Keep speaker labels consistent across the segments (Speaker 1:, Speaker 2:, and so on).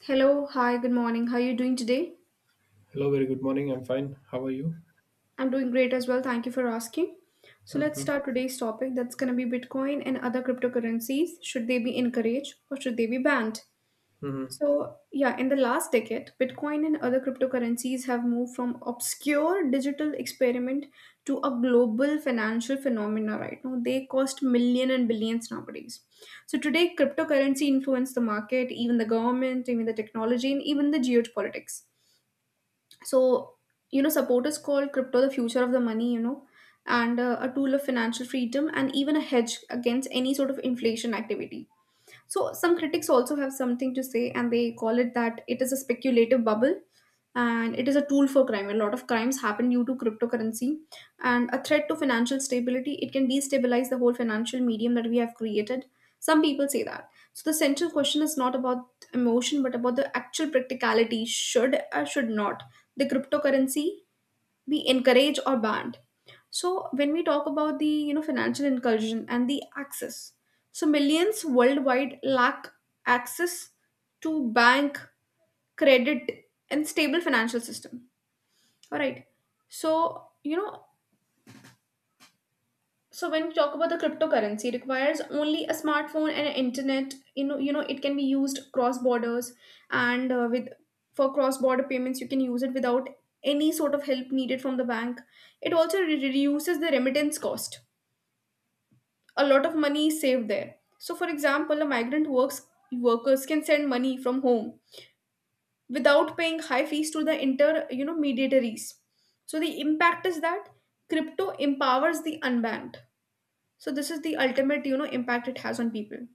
Speaker 1: Hello, hi, good morning. How are you doing today?
Speaker 2: Hello, very good morning. I'm fine. How are you?
Speaker 1: I'm doing great as well. Thank you for asking. So let's
Speaker 2: Mm-hmm.
Speaker 1: start today's topic. That's going to be Bitcoin and other cryptocurrencies. Should they be encouraged or should they be banned?
Speaker 2: Mm-hmm.
Speaker 1: So, yeah, in the last decade, Bitcoin and other cryptocurrencies have moved from obscure digital experiment to a global financial phenomena right now. They cost million and billions nowadays. So today, cryptocurrency influence the market, even the government, even the technology, and even the geopolitics. So support is called crypto the future of the money and a tool of financial freedom and even a hedge against any sort of inflation activity. So some critics also have something to say, and they call it that it is a speculative bubble and it is a tool for crime. A lot of crimes happen due to cryptocurrency and a threat to financial stability. It can destabilize the whole financial medium that we have created. Some people say that. So the central question is not about emotion, but about the actual practicality. Should or should not the cryptocurrency be encouraged or banned? So when we talk about the financial inclusion and the access, so millions worldwide lack access to bank credit and stable financial system, all right. So so when you talk about the cryptocurrency, it requires only a smartphone and an internet. It can be used cross borders and with for cross border payments, you can use it without any sort of help needed from the bank. It also reduces the remittance cost. A lot of money is saved there. So, for example, a migrant works workers can send money from home without paying high fees to the inter mediatories. So the impact is that crypto empowers the unbanked. So this is the ultimate, impact it has on people.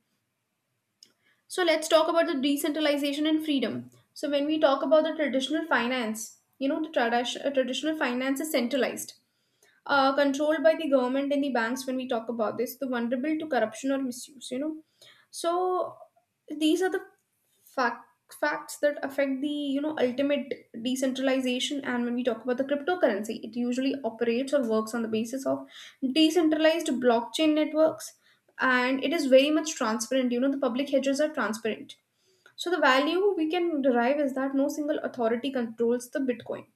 Speaker 1: So let's talk about the decentralization and freedom. So when we talk about the traditional finance, the traditional finance is centralized, controlled by the government and the banks. When we talk about this, the vulnerable to corruption or misuse. So these are the fact, facts that affect the, ultimate decentralization. And when we talk about the cryptocurrency, it usually operates or works on the basis of decentralized blockchain networks. And it is very much transparent, the public hedges are transparent. So the value we can derive is that no single authority controls the Bitcoin.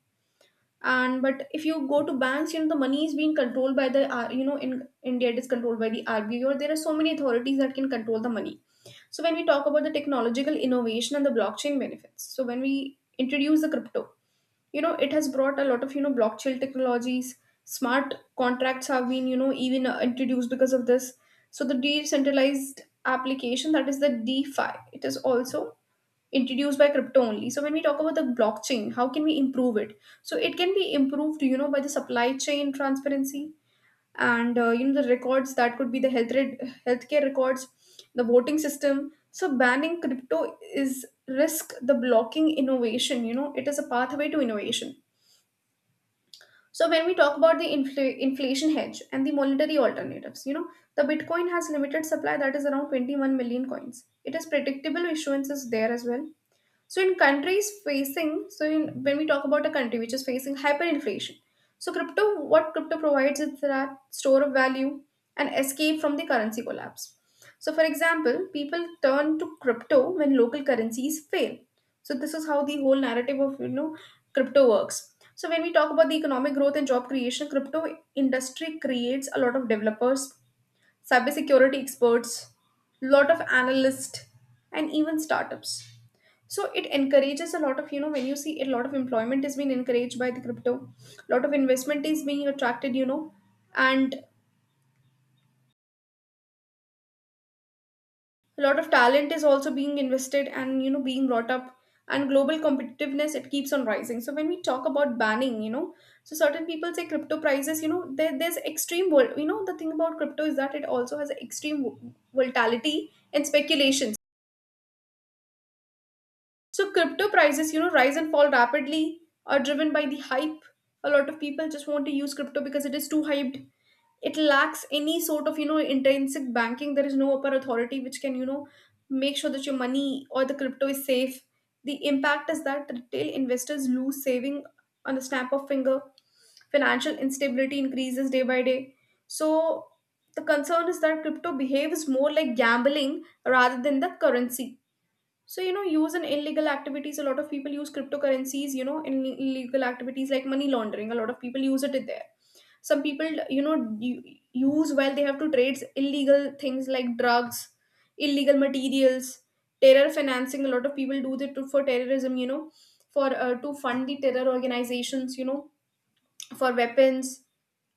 Speaker 1: And but if you go to banks, the money is being controlled by the in India it is controlled by the RBI, or there are so many authorities that can control the money. So when we talk about the technological innovation and the blockchain benefits, so when we introduce the crypto, it has brought a lot of blockchain technologies. Smart contracts have been, even introduced because of this. So the decentralized application, that is the defi, it is also introduced by crypto only. So when we talk about the blockchain, how can we improve it? So it can be improved, by the supply chain transparency and the records that could be the healthcare records, the voting system. So banning crypto is risk the blocking innovation. It is a pathway to innovation. So when we talk about the inflation hedge and the monetary alternatives, the Bitcoin has limited supply, that is around 21 million coins. It is predictable issuances there as well. So in countries facing, so in, when we talk about a country which is facing hyperinflation, so crypto, what crypto provides is that store of value and escape from the currency collapse. So for example, people turn to crypto when local currencies fail. So this is how the whole narrative of crypto works. So when we talk about the economic growth and job creation, crypto industry creates a lot of developers, cybersecurity experts, lot of analysts, and even startups. So it encourages a lot of, when you see a lot of employment is being encouraged by the crypto, a lot of investment is being attracted, and a lot of talent is also being invested and, being brought up. And global competitiveness, it keeps on rising. So when we talk about banning, so certain people say crypto prices, there's extreme, the thing about crypto is that it also has extreme volatility and speculation. So crypto prices, rise and fall rapidly are driven by the hype. A lot of people just want to use crypto because it is too hyped. It lacks any sort of, intrinsic banking. There is no upper authority which can, make sure that your money or the crypto is safe. The impact is that retail investors lose saving on the snap of finger. Financial instability increases day by day. So the concern is that crypto behaves more like gambling rather than the currency. So, use in illegal activities, a lot of people use cryptocurrencies, in illegal activities like money laundering. A lot of people use it in there. Some people, use while they have to trade illegal things like drugs, illegal materials, terror financing. A lot of people do that to, for terrorism, for to fund the terror organizations, for weapons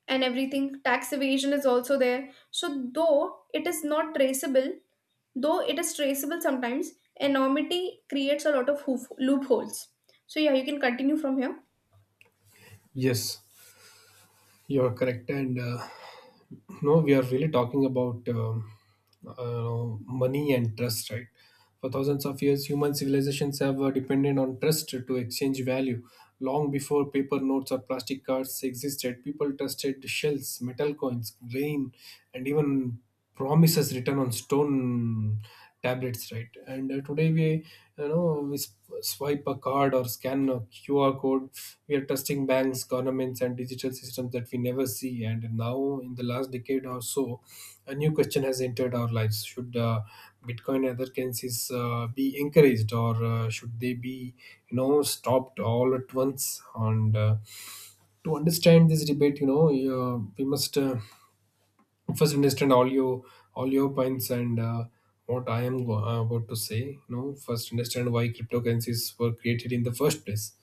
Speaker 1: and everything. Tax evasion is also there. So, though it is not traceable, though it is traceable sometimes, enormity creates a lot of loopholes. So, yeah, you can continue from here.
Speaker 2: Yes, you're correct. And no, we are really talking about money and trust, right? For thousands of years, human civilizations have depended on trust to exchange value. Long before paper notes or plastic cards existed, people trusted shells, metal coins, grain, and even promises written on stone tablets, right? And uh, today we you know we sp- swipe a card or scan a QR code. We are trusting banks, governments, and digital systems that we never see. And now, in the last decade or so, a new question has entered our lives: should Bitcoin and other currencies be encouraged, or should they be, you know, stopped all at once? And To understand this debate, we must first understand all your points, and what I am about to say. You know, first understand why cryptocurrencies were created in the first place.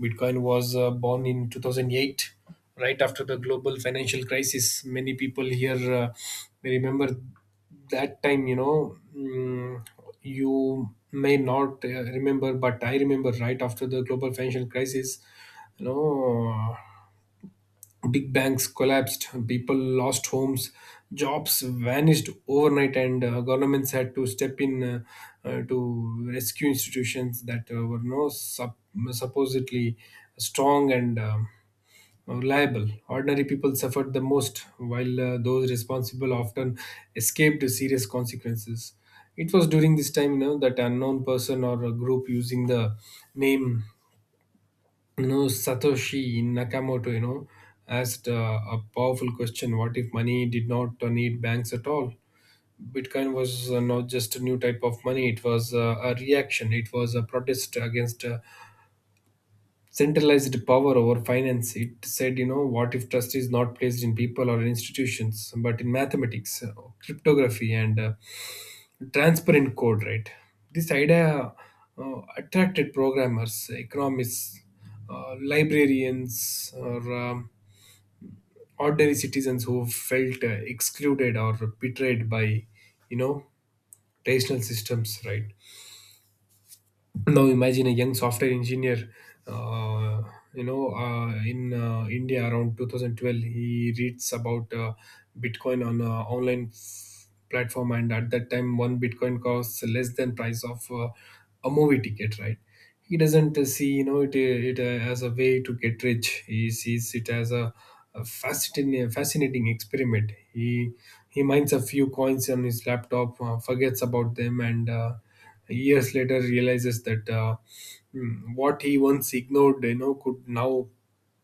Speaker 2: Bitcoin was born in 2008, right after the global financial crisis. Many people here may remember that time. You may not remember, but I remember, right after the global financial crisis. You know. Big banks collapsed, people lost homes, jobs vanished overnight, and governments had to step in to rescue institutions that were no sup- supposedly strong and reliable. Ordinary people suffered the most, while those responsible often escaped serious consequences. It was during this time, you know, that unknown person or a group using the name no, Satoshi Nakamoto, you know, asked a powerful question. What if money did not need banks at all? Bitcoin was not just a new type of money, it was a reaction. It was a protest against centralized power over finance. It said, you know, what if trust is not placed in people or institutions, but in mathematics, cryptography, and transparent code, right? This idea attracted programmers, economists, librarians, or ordinary citizens who felt excluded or betrayed by, you know, traditional systems, right? Now imagine a young software engineer, uh, in India, around 2012. He reads about Bitcoin on online f- platform, and at that time one Bitcoin costs less than price of a movie ticket, right? He doesn't see, you know, it as a way to get rich. He sees it as a fascinating experiment. He mines a few coins on his laptop, forgets about them, and years later realizes that, what he once ignored, you know, could now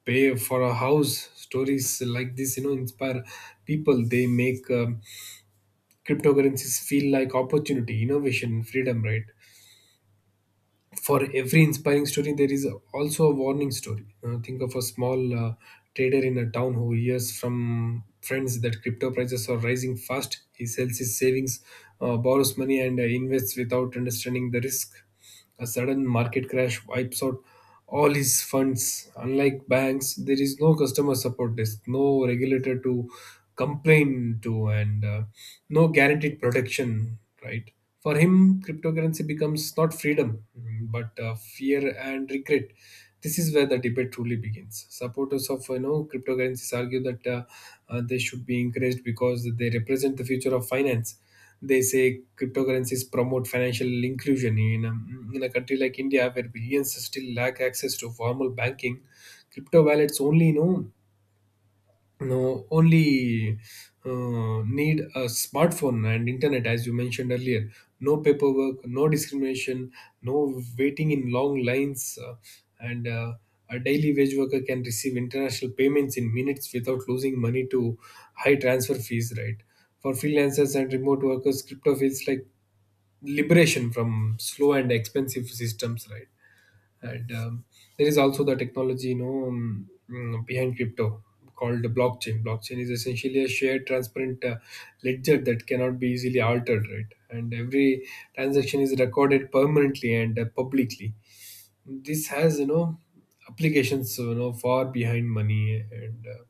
Speaker 2: pay for a house. Stories like this, you know, inspire people. They make cryptocurrencies feel like opportunity, innovation, freedom, right? For every inspiring story, there is also a warning story. Think of a small trader in a town who hears from friends that crypto prices are rising fast. He sells his savings, borrows money, and invests without understanding the risk. A sudden market crash wipes out all his funds. Unlike banks, there is no customer support desk, no regulator to complain to, and no guaranteed protection, right? For him, cryptocurrency becomes not freedom, but fear and regret. This is where the debate truly begins. Supporters of, you know, cryptocurrencies argue that they should be encouraged because they represent the future of finance. They say cryptocurrencies promote financial inclusion. In a country like India, where billions still lack access to formal banking, crypto wallets only, you know no only need a smartphone and internet, as you mentioned earlier. No paperwork, no discrimination, no waiting in long lines, and a daily wage worker can receive international payments in minutes without losing money to high transfer fees, right? For freelancers and remote workers, crypto feels like liberation from slow and expensive systems, right? and There is also the technology, behind crypto, called the blockchain. Blockchain is essentially a shared, transparent ledger that cannot be easily altered, right? And every transaction is recorded permanently and publicly. This has, you know, applications, you know, far behind money, and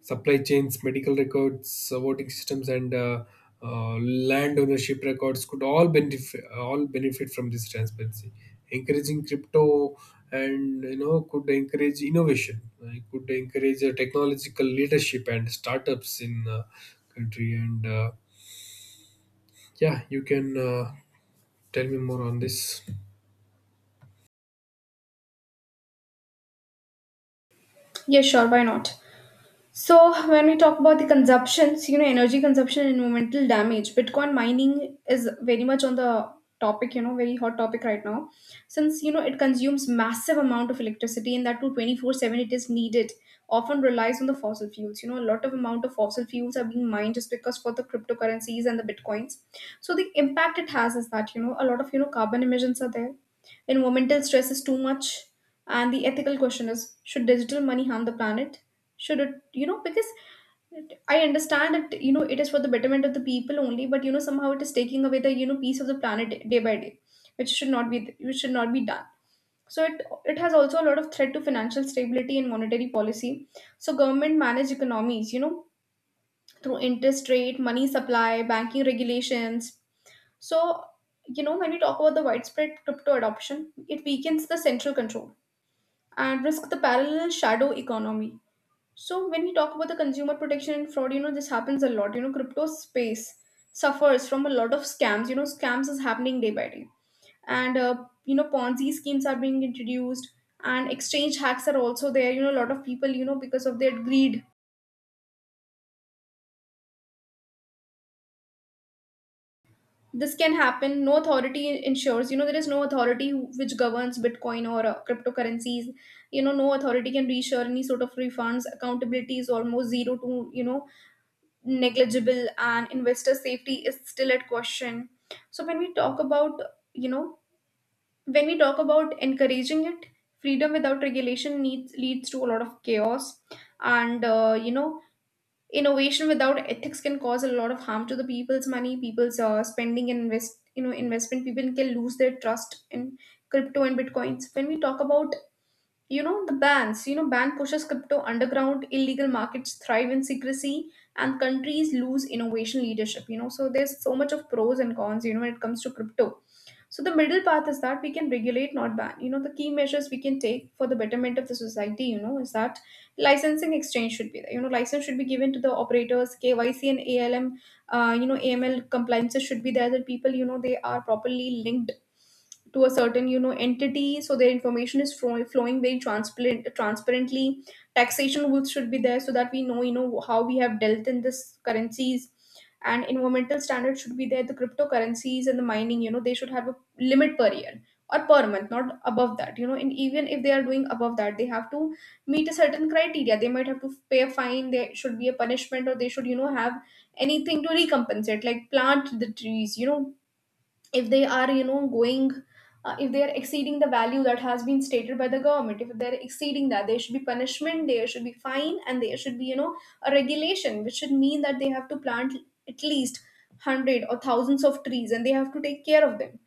Speaker 2: supply chains, medical records, voting systems, and land ownership records could all benefit from this transparency. Encouraging crypto, and you know, could encourage innovation. It could encourage technological leadership and startups in country. And Yeah, you can tell me more on this.
Speaker 1: Yes, sure, why not? So when we talk about the consumptions, energy consumption and environmental damage, Bitcoin mining is very much on the topic, very hot topic right now. Since, it consumes massive amount of electricity, and that too, 24/7 it is needed, often relies on the fossil fuels. You know, a lot of amount of fossil fuels are being mined just because for the cryptocurrencies and the Bitcoins. So the impact it has is that, a lot of, carbon emissions are there. Environmental stress is too much. And the ethical question is, should digital money harm the planet? Should it, because I understand that, it is for the betterment of the people only, but somehow it is taking away the, piece of the planet day by day, which should not be, done. So it has also a lot of threat to financial stability and monetary policy. So government manage economies, through interest rate, money supply, banking regulations. So, when we talk about the widespread crypto adoption, it weakens the central control and risk the parallel shadow economy. So when we talk about the consumer protection and fraud, this happens a lot. You know, crypto space suffers from a lot of scams. You know, scams is happening day by day, and you know, Ponzi schemes are being introduced, and exchange hacks are also there. You know, a lot of people, because of their greed, this can happen. No authority ensures. You know, there is no authority which governs Bitcoin or cryptocurrencies. You know, no authority can reassure any sort of refunds. Accountability is almost zero to negligible, and investor safety is still at question. So when we talk about, you know encouraging it, freedom without regulation needs leads to a lot of chaos. And innovation without ethics can cause a lot of harm to the people's money, people's spending and investment. People can lose their trust in crypto and Bitcoins. When we talk about, the bans, ban pushes crypto underground, illegal markets thrive in secrecy, and countries lose innovation leadership. So there's so much of pros and cons, when it comes to crypto. So the middle path is that we can regulate, not ban. You know, the key measures we can take for the betterment of the society, is that licensing exchange should be there. License should be given to the operators, KYC and ALM. AML compliances should be there, that people, they are properly linked to a certain entity, so their information is flowing very transparent, transparently. Taxation rules should be there so that we know how we have dealt in this currencies. And environmental standards should be there. The cryptocurrencies and the mining, they should have a limit per year or per month, not above that. And even if they are doing above that, they have to meet a certain criteria. They might have to pay a fine. There should be a punishment, or they should have anything to recompensate, like plant the trees. If they are going, if they are exceeding the value that has been stated by the government, if they are exceeding that, there should be punishment, there should be fine, and there should be a regulation which should mean that they have to plant at least 100 or thousands of trees, and they have to take care of them.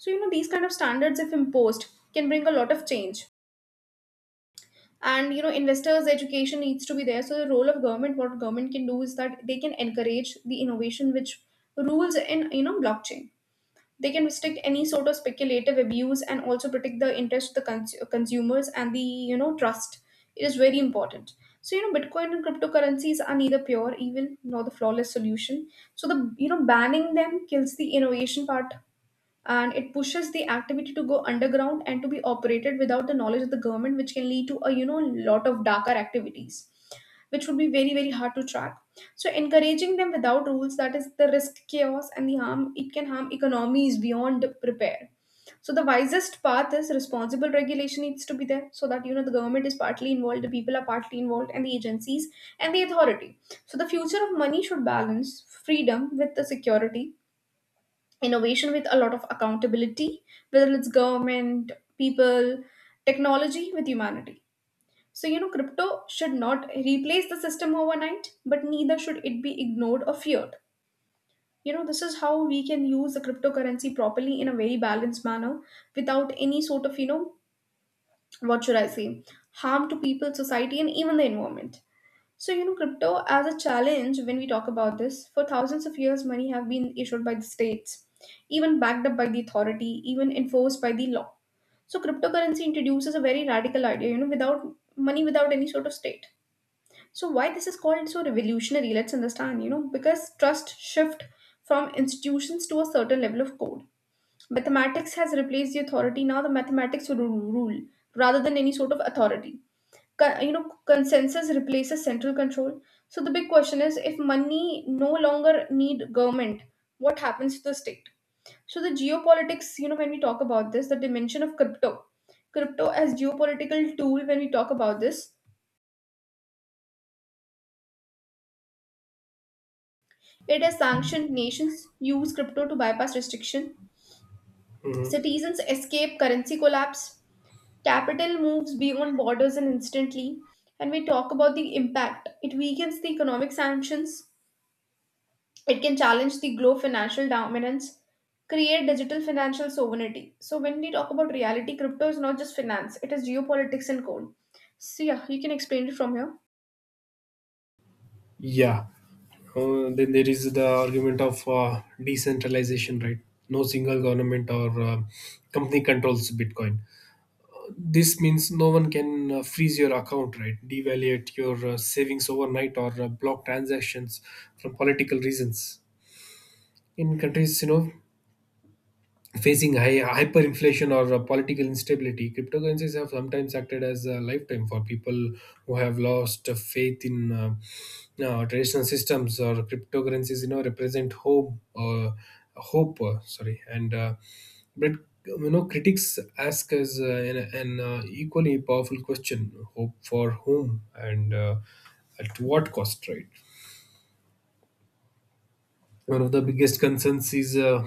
Speaker 1: So, these kind of standards, if imposed, can bring a lot of change. And, investors' education needs to be there. So, the role of government, what government can do is that they can encourage the innovation which rules in, blockchain. They can restrict any sort of speculative abuse, and also protect the interest of the consumers and the, trust. It is very important. So, Bitcoin and cryptocurrencies are neither pure evil nor the flawless solution. So, banning them kills the innovation part, and it pushes the activity to go underground and to be operated without the knowledge of the government, which can lead to a lot of darker activities, which would be very very hard to track. So encouraging them without rules, that is the risk, chaos and the harm. It can harm economies beyond prepare. So the wisest path is responsible regulation needs to be there, so that the government is partly involved, the people are partly involved, and the agencies and the authority. So the future of money should balance freedom with the security, innovation with a lot of accountability, whether it's government, people, technology, with humanity. So, crypto should not replace the system overnight, but neither should it be ignored or feared. This is how we can use the cryptocurrency properly in a very balanced manner, without any sort of, what should I say, harm to people, society, and even the environment. So, crypto as a challenge, when we talk about this, for thousands of years, money have been issued by the states, even backed up by the authority, even enforced by the law. So, cryptocurrency introduces a very radical idea, without money, without any sort of state. So, why this is called so revolutionary, let's understand, because trust shift from institutions to a certain level of code. Mathematics has replaced the authority. Now the mathematics will rule rather than any sort of authority. Co- you know consensus replaces central control. So the big question is, if money no longer need government, what happens to the state? So the geopolitics, when we talk about this, the dimension of crypto, crypto as geopolitical tool, when we talk about this, it has sanctioned nations, use crypto to bypass restriction. Citizens escape currency collapse. Capital moves beyond borders, and instantly. And we talk about the impact, it weakens the economic sanctions. It can challenge the glow financial dominance, create digital financial sovereignty. So when we talk about reality, crypto is not just finance, it is geopolitics and code. So yeah, you can explain it from here.
Speaker 2: Yeah. Then there is the argument of decentralization, right? No single government or company controls Bitcoin. This means no one can freeze your account, right? Devaluate your savings overnight or block transactions from political reasons. In countries, you know, facing high hyperinflation or political instability, cryptocurrencies have sometimes acted as a lifetime for people who have lost faith in traditional systems. Or cryptocurrencies, you know, represent hope, hope. Sorry, and but you know, critics ask us an equally powerful question: hope for whom, and at what cost, right? One of the biggest concerns is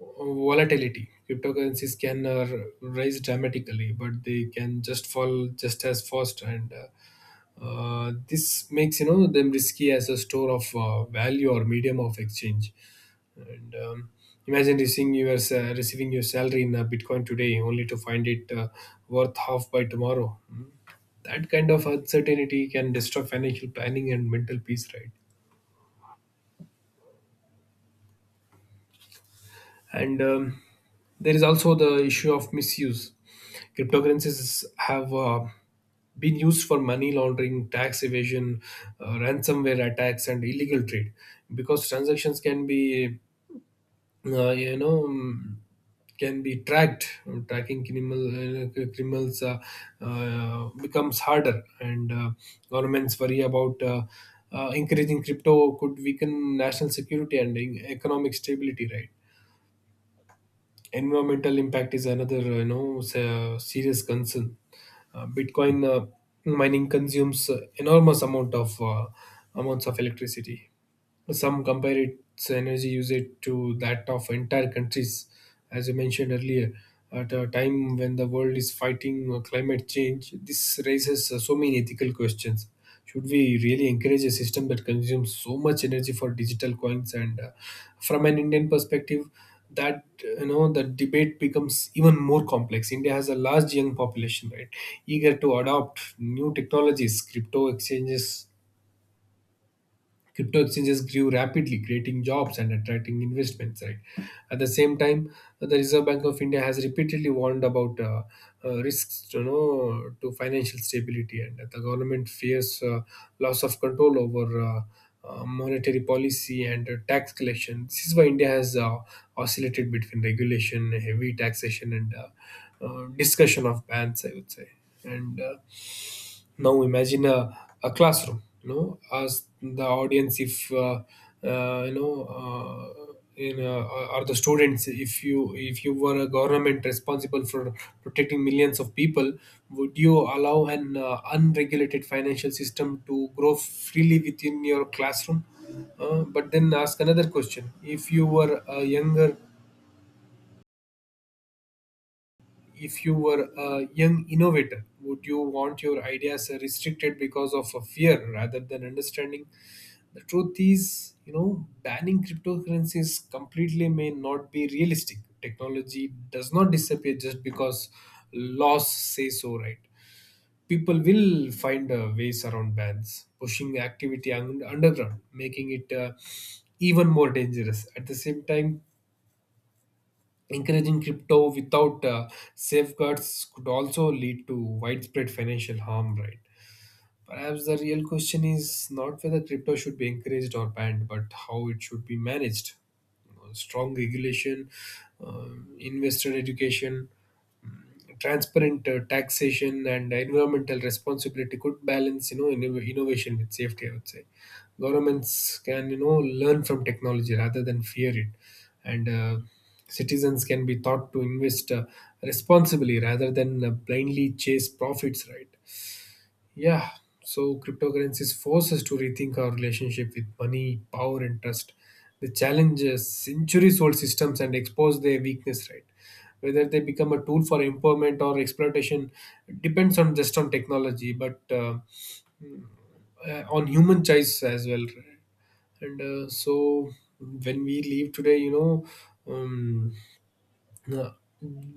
Speaker 2: volatility. Cryptocurrencies can rise dramatically, but they can just fall just as fast, and this makes, you know, them risky as a store of value or medium of exchange. And Imagine receiving your salary in Bitcoin today, only to find it worth half by tomorrow. Hmm. That kind of uncertainty can disrupt financial planning and mental peace, right? and There is also the issue of misuse. Cryptocurrencies have been used for money laundering, tax evasion, ransomware attacks, and illegal trade. Because transactions can be, uh, you know um, can be tracked, tracking criminal criminals becomes harder, and governments worry about encouraging crypto could weaken national security and economic stability, right? Environmental impact is another, you know, serious concern. Bitcoin mining consumes enormous amounts of electricity. Some compare its energy usage to that of entire countries, as I mentioned earlier. At a time when the world is fighting climate change, this raises so many ethical questions. Should we really encourage a system that consumes so much energy for digital coins? And From an Indian perspective, that you know, the debate becomes even more complex. India has a large young population, right, eager to adopt new technologies, crypto exchanges grew rapidly, creating jobs and attracting investments, right? At the same time, the Reserve Bank of India has repeatedly warned about risks, you know, to financial stability, and the government fears loss of control over monetary policy and tax collection. This is why India has oscillated between regulation, heavy taxation, and discussion of bans, I would say. And Now imagine a classroom. You know, as the audience, if you know, in or the students, if you were a government responsible for protecting millions of people, would you allow an unregulated financial system to grow freely within your classroom? But then ask another question: If you were a younger if you were a young innovator, would you want your ideas restricted because of a fear rather than understanding? The truth is, you know, banning cryptocurrencies completely may not be realistic. Technology does not disappear just because laws say so, right? People will find ways around bans, pushing activity underground, making it even more dangerous. At the same time, encouraging crypto without safeguards could also lead to widespread financial harm, right? Perhaps the real question is not whether crypto should be encouraged or banned, but how it should be managed. You know, strong regulation, investor education, transparent taxation, and environmental responsibility could balance, you know, innovation with safety. I would say governments can, you know, learn from technology rather than fear it, and citizens can be taught to invest responsibly rather than blindly chase profits. Right. Yeah, so cryptocurrencies force us to rethink our relationship with money, power, and trust. They challenge centuries old systems and expose their weakness, right? Whether they become a tool for empowerment or exploitation depends on just on technology, but on human choice as well. Right? And so when we leave today, you know, um, uh,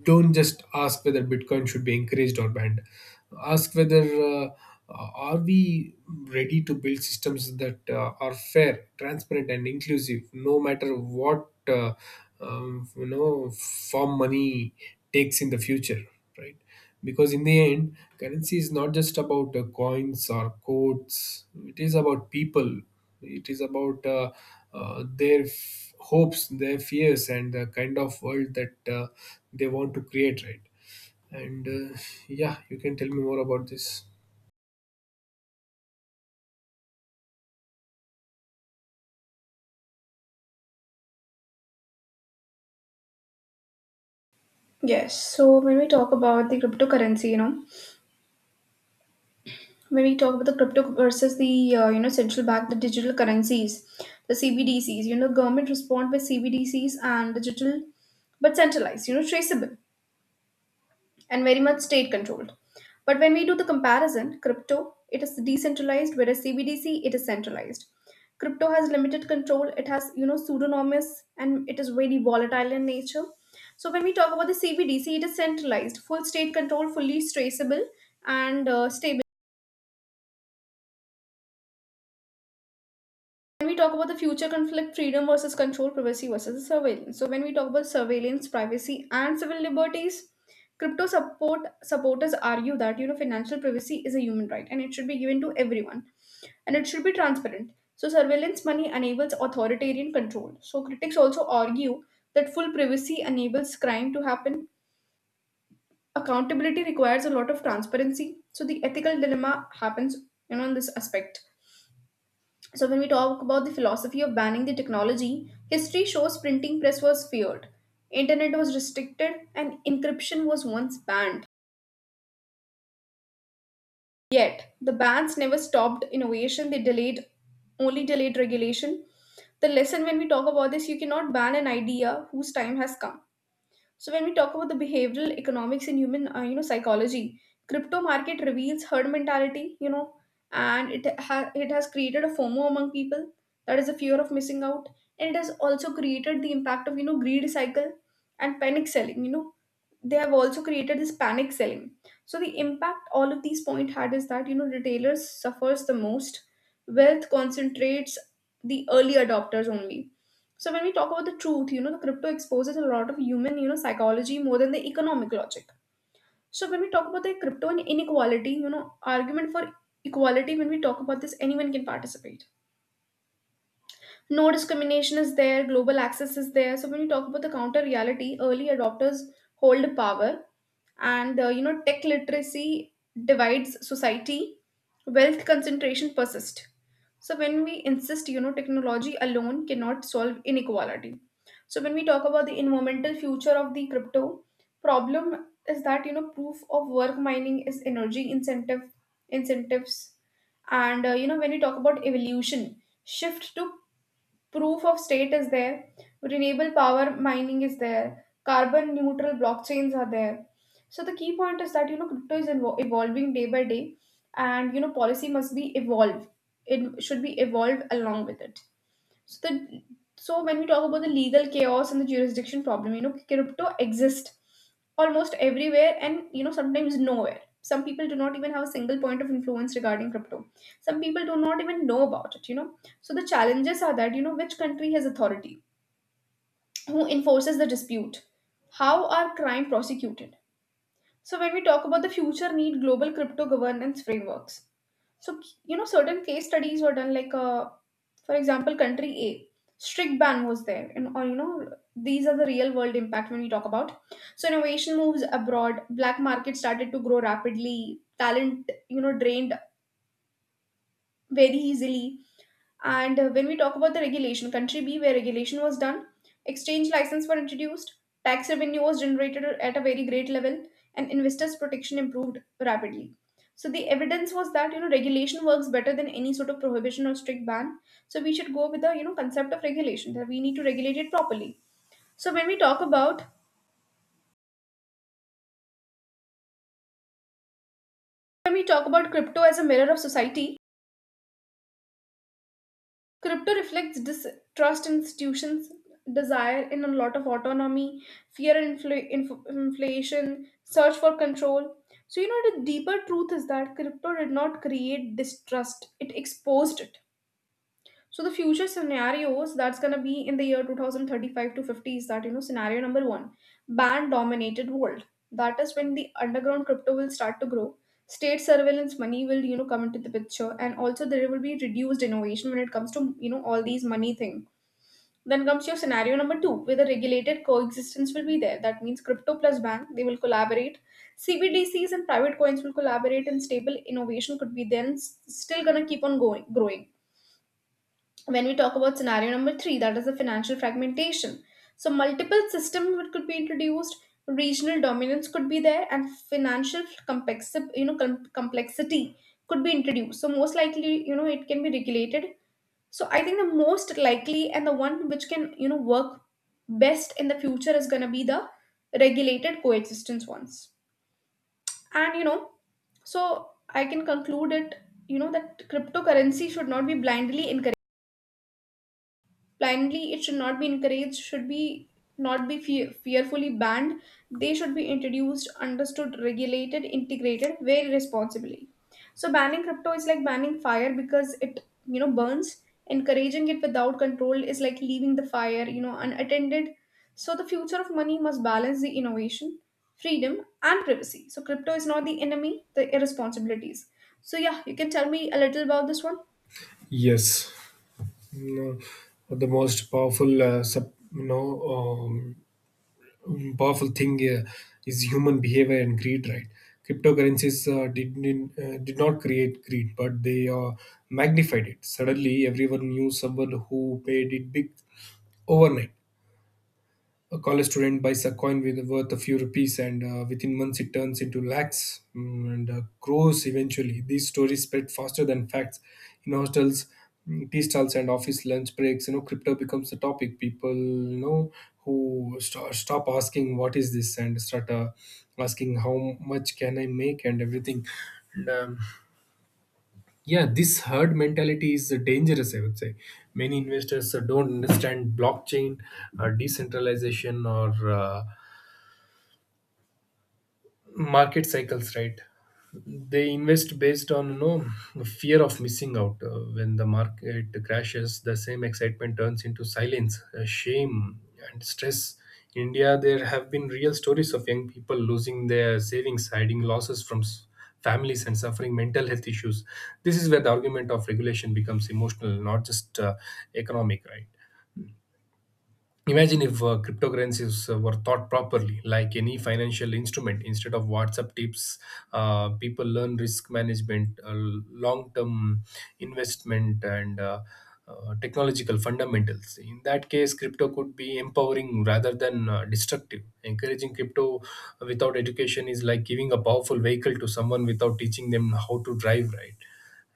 Speaker 2: don't just ask whether Bitcoin should be encouraged or banned. Ask whether, are we ready to build systems that are fair, transparent, and inclusive, no matter what you know, form money takes in the future, right? Because in the end, currency is not just about coins or codes, it is about people. It is about their hopes, their fears, and the kind of world that they want to create, right? and Yeah, you can tell me more about this.
Speaker 1: Yes. So when we talk about the cryptocurrency, when we talk about the crypto versus the central bank, the digital currencies, the CBDCs, government respond by CBDCs and digital, but centralized, traceable, and very much state controlled. But when we do the comparison, crypto, it is decentralized, whereas CBDC, it is centralized. Crypto has limited control, it has, pseudonymous, and it is very volatile in nature. So when we talk about the CBDC, it is centralized, full state control, fully traceable, and stable. When we talk about the future conflict, freedom versus control, privacy versus surveillance. So when we talk about surveillance, privacy, and civil liberties, crypto supporters argue that financial privacy is a human right, and it should be given to everyone, and it should be transparent. So surveillance money enables authoritarian control. So critics also argue that full privacy enables crime to happen, accountability requires a lot of transparency, so the ethical dilemma happens, in this aspect. So, when we talk about the philosophy of banning the technology, history shows printing press was feared, internet was restricted, and encryption was once banned. Yet, the bans never stopped innovation, they delayed only delayed regulation. The lesson when we talk about this, you cannot ban an idea whose time has come. So when we talk about the behavioral economics and human, psychology, crypto market reveals herd mentality, and it has created a FOMO among people, that is the fear of missing out, and it has also created the impact of greed cycle and panic selling. They have also created this panic selling. So the impact all of these point had is that retailers suffers the most. Wealth concentrates the early adopters only. So when we talk about the truth, the crypto exposes a lot of human, psychology more than the economic logic. So when we talk about the crypto and inequality, argument for equality, when we talk about this, anyone can participate, no discrimination is there, global access is there. So when you talk about the counter reality, early adopters hold power, and tech literacy divides society. Wealth concentration persists. So when we insist, technology alone cannot solve inequality. So when we talk about the environmental future of the crypto, problem is that proof of work mining is energy incentives. And when we talk about evolution, shift to proof of state is there, renewable power mining is there, carbon neutral blockchains are there. So the key point is that crypto is evolving day by day, and policy must be evolved. It should be evolved along with it. So the so when we talk about the legal chaos and the jurisdiction problem, crypto exists almost everywhere and sometimes nowhere. Some people do not even have a single point of influence regarding crypto. Some people do not even know about it. So the challenges are that, which country has authority? Who enforces the dispute? How are crime prosecuted? So when we talk about the future need global crypto governance frameworks. So, certain case studies were done, like, for example, country A, strict ban was there. And, or, these are the real world impact when we talk about. So, innovation moves abroad, black market started to grow rapidly, talent, drained very easily. And when we talk about the regulation, country B, where regulation was done, exchange license were introduced, tax revenue was generated at a very great level, and investors' protection improved rapidly. So the evidence was that regulation works better than any sort of prohibition or strict ban. So we should go with the concept of regulation, that we need to regulate it properly. So when we talk about when we talk about crypto as a mirror of society, crypto reflects distrust in institutions, desire in a lot of autonomy, fear and inflation, search for control. So, the deeper truth is that crypto did not create distrust, it exposed it. So the future scenarios that's gonna be in the year 2035 to 50 is that scenario number one, ban dominated world. That is when the underground crypto will start to grow. State surveillance money will come into the picture, and also there will be reduced innovation when it comes to all these money thing. Then comes your scenario number two, where the regulated coexistence will be there. That means crypto plus bank they will collaborate. CBDCs and private coins will collaborate, and stable innovation could be then still gonna keep on going growing. When we talk about scenario number three, that is the financial fragmentation. So multiple systems could be introduced, regional dominance could be there, and financial complexity could be introduced. So most likely, it can be regulated. So I think the most likely and the one which can, work best in the future is gonna be the regulated coexistence ones. And so I can conclude it, that cryptocurrency should not be blindly encouraged. Blindly it should not be encouraged, should be not be fearfully banned. They should be introduced, understood, regulated, integrated very responsibly. So banning crypto is like banning fire, because it burns. Encouraging it without control is like leaving the fire unattended. So the future of money must balance the innovation, freedom, and privacy. So crypto is not the enemy, the irresponsibilities. So yeah, you can tell me a little about this one.
Speaker 2: Yes. You know, the most powerful sub, you know, mm, powerful thing is human behavior and greed, right? Cryptocurrencies did not create greed, but they magnified it. Suddenly, everyone knew someone who made it big overnight. A college student buys a coin with worth a few rupees, and within months it turns into lakhs, and crores eventually. These stories spread faster than facts. In hostels, tea stalls, and office lunch breaks, you know, crypto becomes the topic. People, you know, who stop asking what is this and start asking how much can I make, and everything. And, um, yeah, this herd mentality is dangerous, I would say. Many investors don't understand blockchain, decentralization, or market cycles, right? They invest based on, you know, fear of missing out. When the market crashes, the same excitement turns into silence, shame, and stress. In India, there have been real stories of young people losing their savings, hiding losses from families, and suffering mental health issues. This is where the argument of regulation becomes emotional, not just economic, right? Imagine if cryptocurrencies were thought properly, like any financial instrument, instead of WhatsApp tips, people learn risk management, long term investment, and technological fundamentals. In that case, crypto could be empowering rather than destructive. Encouraging crypto without education is like giving a powerful vehicle to someone without teaching them how to drive, right?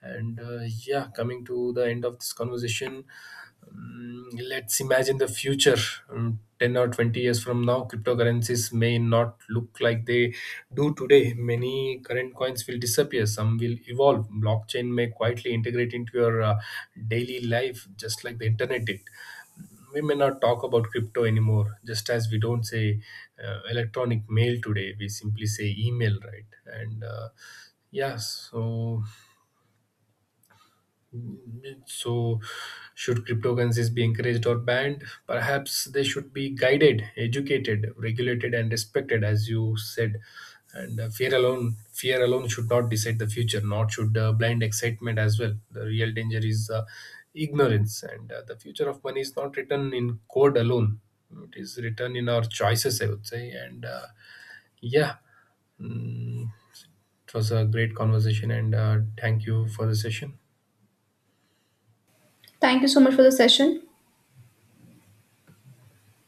Speaker 2: And Yeah, coming to the end of this conversation, let's imagine the future. 10 or 20 years from now, cryptocurrencies may not look like they do today. Many current coins will disappear, some will evolve. Blockchain may quietly integrate into your daily life, just like the internet did. We may not talk about crypto anymore, just as we don't say electronic mail today, we simply say email, right? And uh, yeah so so, should cryptocurrencies be encouraged or banned? Perhaps they should be guided, educated, regulated, and respected, as you said. And Fear alone, fear alone should not decide the future. Not should blind excitement as well. The real danger is ignorance, and the future of money is not written in code alone. It is written in our choices, I would say. Yeah, mm, it was a great conversation, and thank you for the session.
Speaker 1: Thank you so much for the session.